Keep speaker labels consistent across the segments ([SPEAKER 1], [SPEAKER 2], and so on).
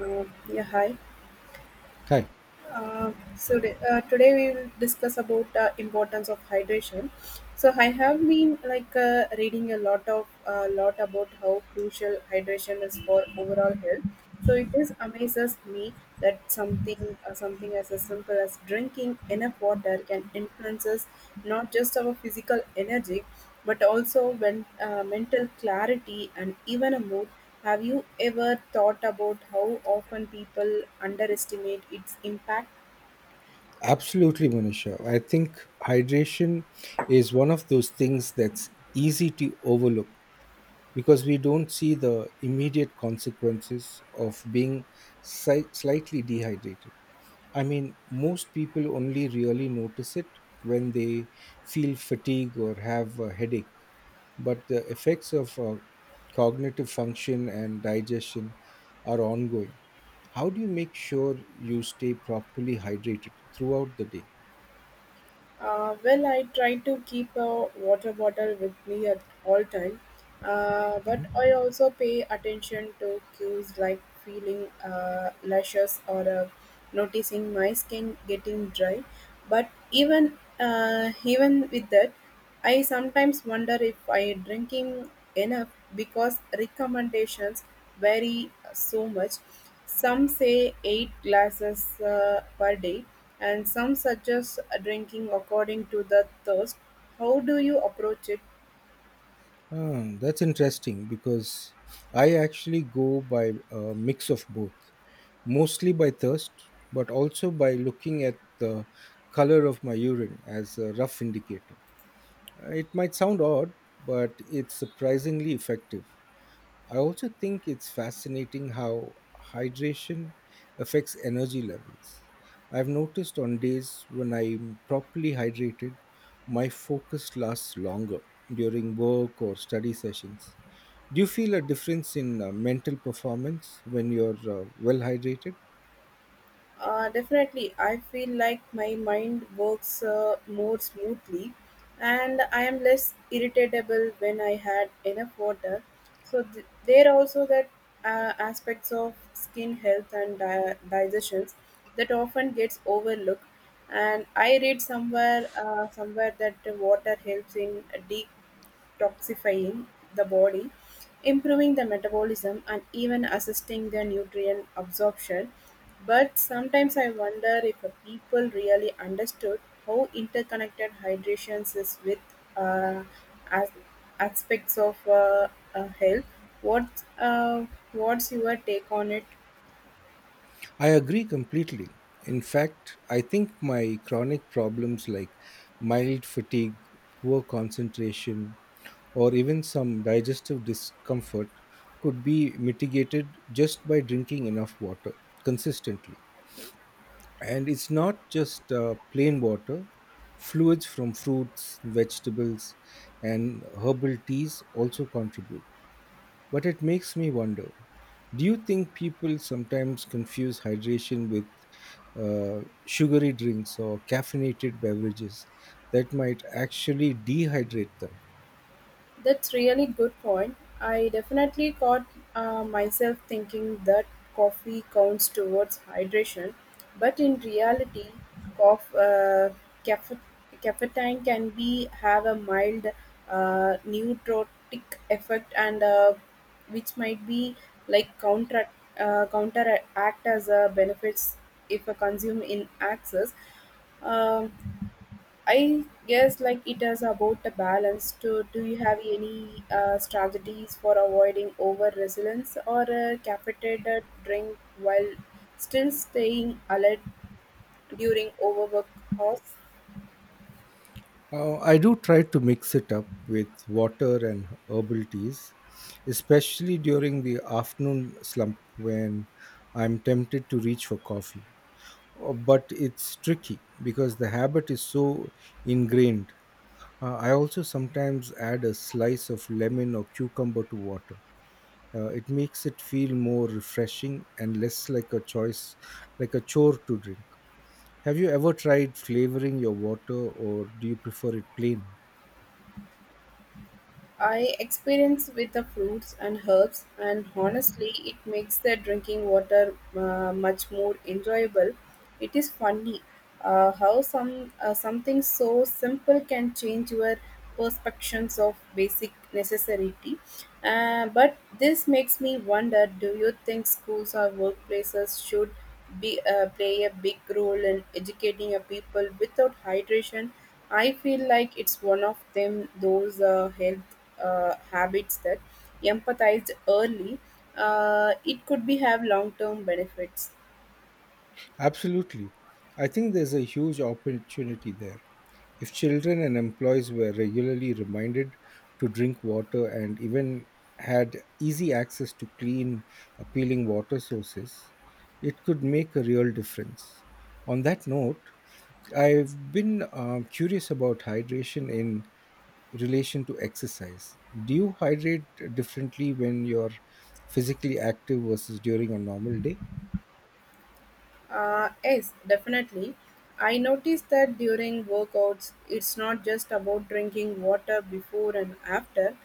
[SPEAKER 1] Yeah, hi.
[SPEAKER 2] Hi.
[SPEAKER 1] So today we will discuss about importance of hydration. So I have been like reading a lot of lot about how crucial hydration is for overall health. So it is amazes me that something as simple as drinking enough water can influences not just our physical energy, but also when mental clarity and even a mood. Have you ever thought about how often people underestimate its impact?
[SPEAKER 2] Absolutely, Manisha. I think hydration is one of those things that's easy to overlook, because we don't see the immediate consequences of being slightly dehydrated. I mean, most people only really notice it when they feel fatigue or have a headache, but the effects of cognitive function and digestion are ongoing. How do you make sure you stay properly hydrated throughout the day?
[SPEAKER 1] Well, I try to keep a water bottle with me at all time, but I also pay attention to cues like feeling luscious or noticing my skin getting dry. But even with that, I sometimes wonder if I drinking enough because recommendations vary so much. Some say eight glasses per day, and some suggest drinking according to the thirst. How do you approach it?
[SPEAKER 2] Ah, that's interesting because I actually go by a mix of both, mostly by thirst, but also by looking at the color of my urine as a rough indicator. It might sound odd, but it's surprisingly effective. I also think it's fascinating how hydration affects energy levels. I've noticed on days when I'm properly hydrated, my focus lasts longer during work or study sessions. Do you feel a difference in mental performance when you're well hydrated?
[SPEAKER 1] Definitely, I feel like my mind works more smoothly and I am less irritable when I had enough water. So, there are also that aspects of skin health and digestions that often gets overlooked. And I read somewhere that the water helps in detoxifying the body, improving the metabolism, and even assisting the nutrient absorption. But sometimes I wonder if the people really understood how interconnected hydration is with uh, as- aspects of health. What uh, what's your take on it?
[SPEAKER 2] I agree completely. In fact, I think my chronic problems like mild fatigue, poor concentration, or even some digestive discomfort could be mitigated just by drinking enough water consistently. And it's not just plain water, fluids from fruits, vegetables, and herbal teas also contribute. But it makes me wonder, do you think people sometimes confuse hydration with sugary drinks or caffeinated beverages that might actually dehydrate them?
[SPEAKER 1] That's really good point. I definitely caught myself thinking that coffee counts towards hydration, but in reality, coff uh, cafe- caffeine can be have a mild nootropic effect, and which might be like counteract as a benefits if a consume in excess. Um I guess like it is about the balance. To do you have any strategies for avoiding over resilience or a caffeinated drink while still staying alert during overwork hours?
[SPEAKER 2] I do try to mix it up with water and herbal teas, especially during the afternoon slump when I'm tempted to reach for coffee. But it's tricky because the habit is so ingrained. I also sometimes add a slice of lemon or cucumber to water, it makes it feel more refreshing and less like a choice like a chore to drink. Have you ever tried flavoring your water, or do you prefer it plain?
[SPEAKER 1] I experience with the fruits and herbs, and honestly, it makes the drinking water much more enjoyable. It is funny how something so simple can change your perceptions of basic necessity. But this makes me wonder: do you think schools or workplaces should be play a big role in educating a people without hydration? I feel like it's one of them those health habits that empathized early. It could be have long term benefits.
[SPEAKER 2] Absolutely. I think there's a huge opportunity there. If children and employees were regularly reminded to drink water and even had easy access to clean, appealing water sources, it could make a real difference. On that note, I've been curious about hydration in relation to exercise. Do you hydrate differently when you're physically active versus during a normal day?
[SPEAKER 1] Yes, definitely. I noticed that during workouts, it's not just about drinking water before and after,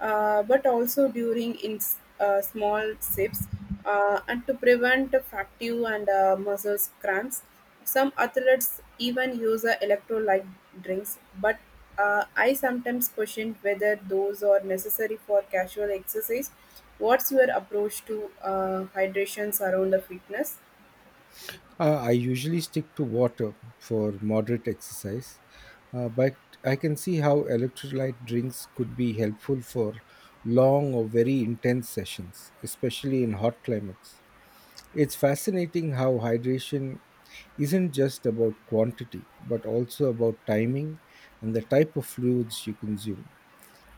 [SPEAKER 1] but also during small sips and to prevent fatigue and muscle cramps. Some athletes even use electrolyte drinks, but I sometimes question whether those are necessary for casual exercise. What's your approach to hydrations around the fitness?
[SPEAKER 2] I usually stick to water for moderate exercise, but I can see how electrolyte drinks could be helpful for long or very intense sessions, especially in hot climates. It's fascinating how hydration isn't just about quantity, but also about timing and the type of fluids you consume.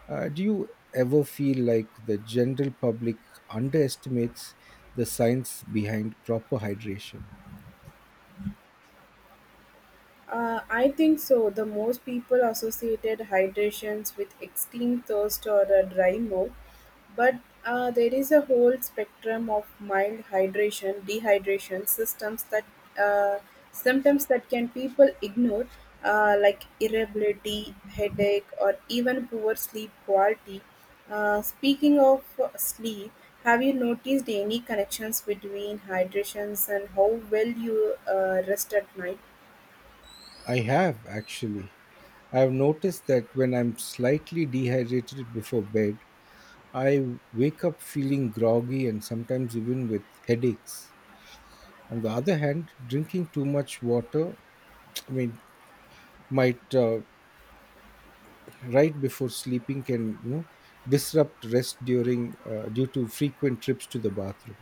[SPEAKER 2] Do you ever feel like the general public underestimates the science behind proper hydration?
[SPEAKER 1] I think so. The most people associated hydrations with extreme thirst or a dry mouth, but there is a whole spectrum of mild hydration, dehydration systems that uh, symptoms that can people ignore, like irritability, headache, or even poor sleep quality. Speaking of sleep, have you noticed any connections between hydrations and how well you rest at night?
[SPEAKER 2] I have actually. I've noticed that when I'm slightly dehydrated before bed, I wake up feeling groggy and sometimes even with headaches. On the other hand, drinking too much water, I mean, might right before sleeping, can disrupt rest during due to frequent trips to the bathroom.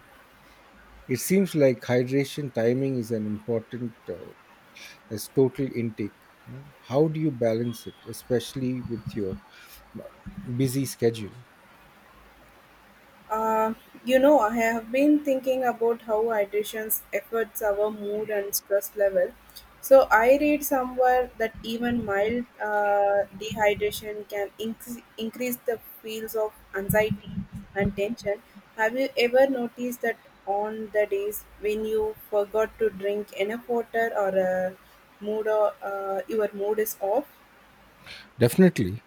[SPEAKER 2] It seems like hydration timing is an important as total intake, . How do you balance it, especially with your uh, busy schedule?
[SPEAKER 1] Uh, you know, I have been thinking about how hydration affects our mood and stress level. So I read somewhere that even mild dehydration can increase the feels of anxiety and tension. Have you ever noticed that on the days when you forgot to drink enough water or your mood is off?
[SPEAKER 2] Definitely.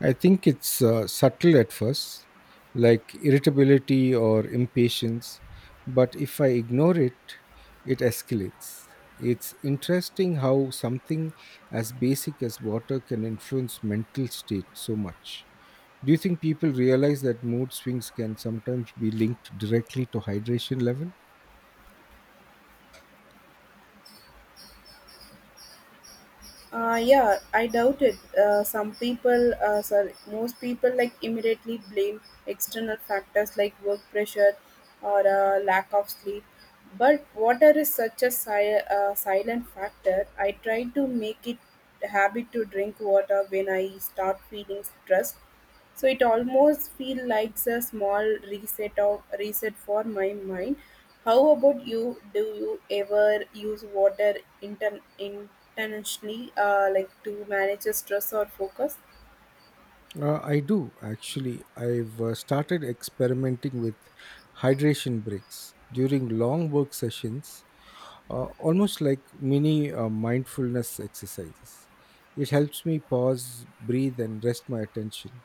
[SPEAKER 2] I think it's subtle at first, like irritability or impatience, but if I ignore it, it escalates. It's interesting how something as basic as water can influence mental state so much. Do you think people realize that mood swings can sometimes be linked directly to hydration level?
[SPEAKER 1] Yeah, I doubt it. Most people like immediately blame external factors like work pressure or lack of sleep. But water is such a silent factor. I try to make it a habit to drink water when I start feeling stressed. So it almost feels like a small reset for my mind. How about you? Do you ever use water inter- in intentionally like to manage the stress or focus?
[SPEAKER 2] I do actually. I've started experimenting with hydration breaks during long work sessions, almost like mini mindfulness exercises. It helps me pause, breathe, and rest my attention.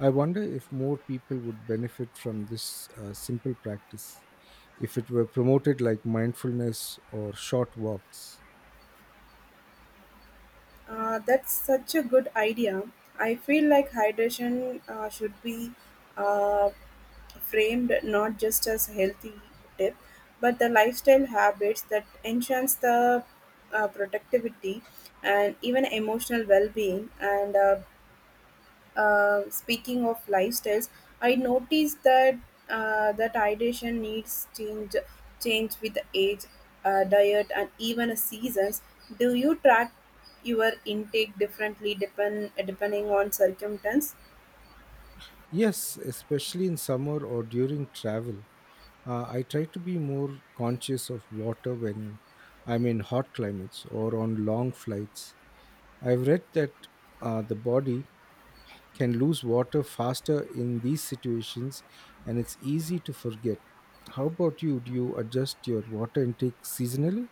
[SPEAKER 2] I wonder if more people would benefit from this simple practice if it were promoted like mindfulness or short walks.
[SPEAKER 1] Uh, that's such a good idea. I feel like hydration should be uh, framed not just as a healthy tip but the lifestyle habits that enhance the productivity and even emotional well-being and speaking of lifestyles, I noticed that hydration needs change with age, diet, and even seasons. Do you track your intake differently depending on circumstance?
[SPEAKER 2] Yes, especially in summer or during travel. I try to be more conscious of water when I'm in hot climates or on long flights. I've read that the body can lose water faster in these situations and it's easy to forget. How about you? Do you adjust your water intake seasonally?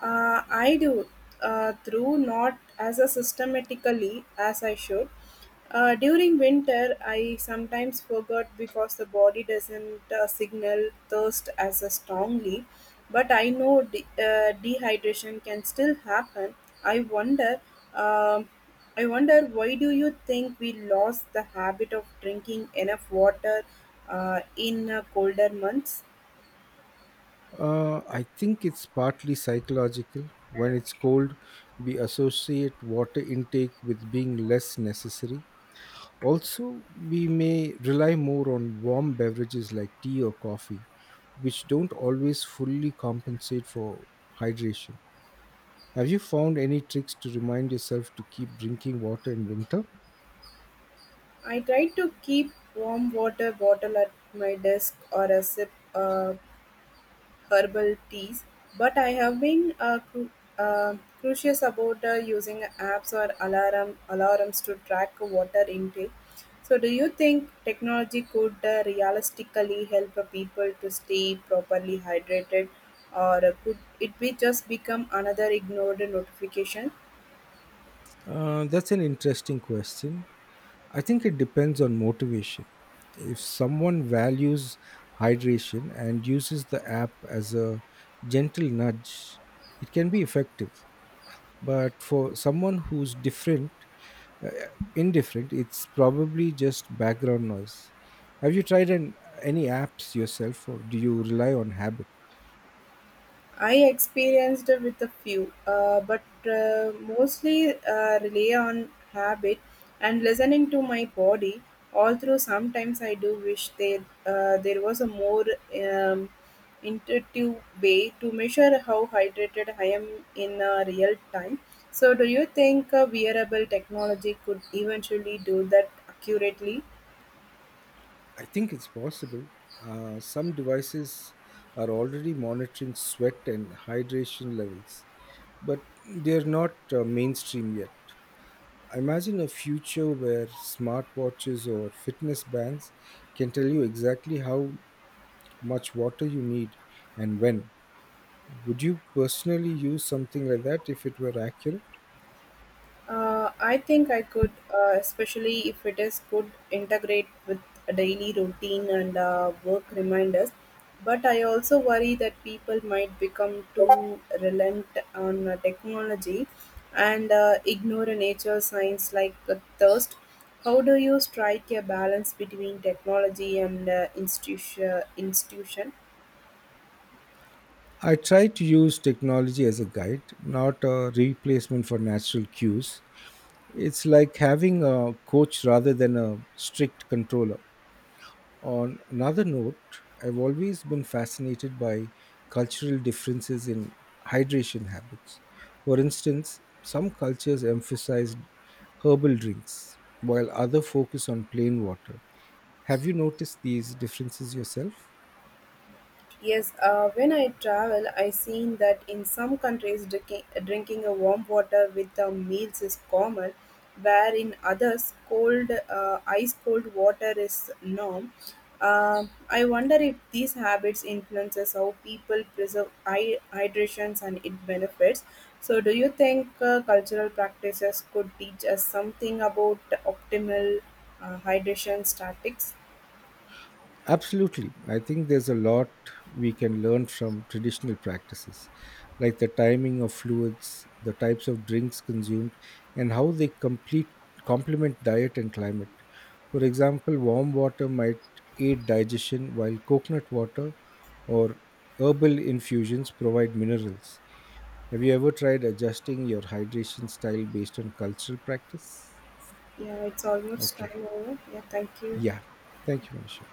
[SPEAKER 1] I do, through not as a systematically as I should. During winter, I sometimes forgot because the body doesn't signal thirst as a strongly. But I know dehydration can still happen. I wonder. um I wonder why do you think we lost the habit of drinking enough water in colder months?
[SPEAKER 2] I think it's partly psychological. When it's cold, we associate water intake with being less necessary. Also, we may rely more on warm beverages like tea or coffee, which don't always fully compensate for hydration. Have you found any tricks to remind yourself to keep drinking water in winter?
[SPEAKER 1] I try to keep warm water bottle at my desk or a sip herbal teas, but I have been uh, curious about using apps or alarms to track water intake. So, do you think technology could realistically help people to stay properly hydrated, or could it be just become another ignored notification?
[SPEAKER 2] That's an interesting question. I think it depends on motivation. If someone values hydration and uses the app as a gentle nudge, it can be effective, but for someone who's different uh, indifferent, it's probably just background noise. Have you tried any apps yourself, or do you rely on habit?
[SPEAKER 1] I experienced with a few, but mostly rely on habit and listening to my body. Although sometimes I do wish there was a more um, intuitive way to measure how hydrated I am in real time. So, do you think wearable technology could eventually do that accurately?
[SPEAKER 2] I think it's possible. Some devices are already monitoring sweat and hydration levels, but they're not mainstream yet. Imagine a future where smartwatches or fitness bands can tell you exactly how much water you need and when. Would you personally use something like that if it were accurate?
[SPEAKER 1] I think I could, especially if it is could integrate with a daily routine and work reminders. But I also worry that people might become too reliant on technology and ignore nature signs like thirst. How do you strike a balance between technology and institution? Institution?
[SPEAKER 2] I try to use technology as a guide, not a replacement for natural cues. It's like having a coach rather than a strict controller. On another note, I've always been fascinated by cultural differences in hydration habits. For instance, some cultures emphasize herbal drinks, while others focus on plain water. Have you noticed these differences yourself?
[SPEAKER 1] Yes, when I travel, I seen that in some countries drinking a warm water with the meals is common, where in others cold, ice cold water is norm. I wonder if these habits influences how people preserve hydrations and it benefits. So, do you think cultural practices could teach us something about optimal hydration statics?
[SPEAKER 2] Absolutely. I think there's a lot we can learn from traditional practices, like the timing of fluids, the types of drinks consumed, and how they complete complement diet and climate. For example, warm water might aid digestion while coconut water or herbal infusions provide minerals. Have you ever tried adjusting your hydration style based on cultural practice?
[SPEAKER 1] Yeah, it's almost
[SPEAKER 2] Okay.
[SPEAKER 1] time over. Yeah, thank you.
[SPEAKER 2] Yeah. Thank you, Manisha.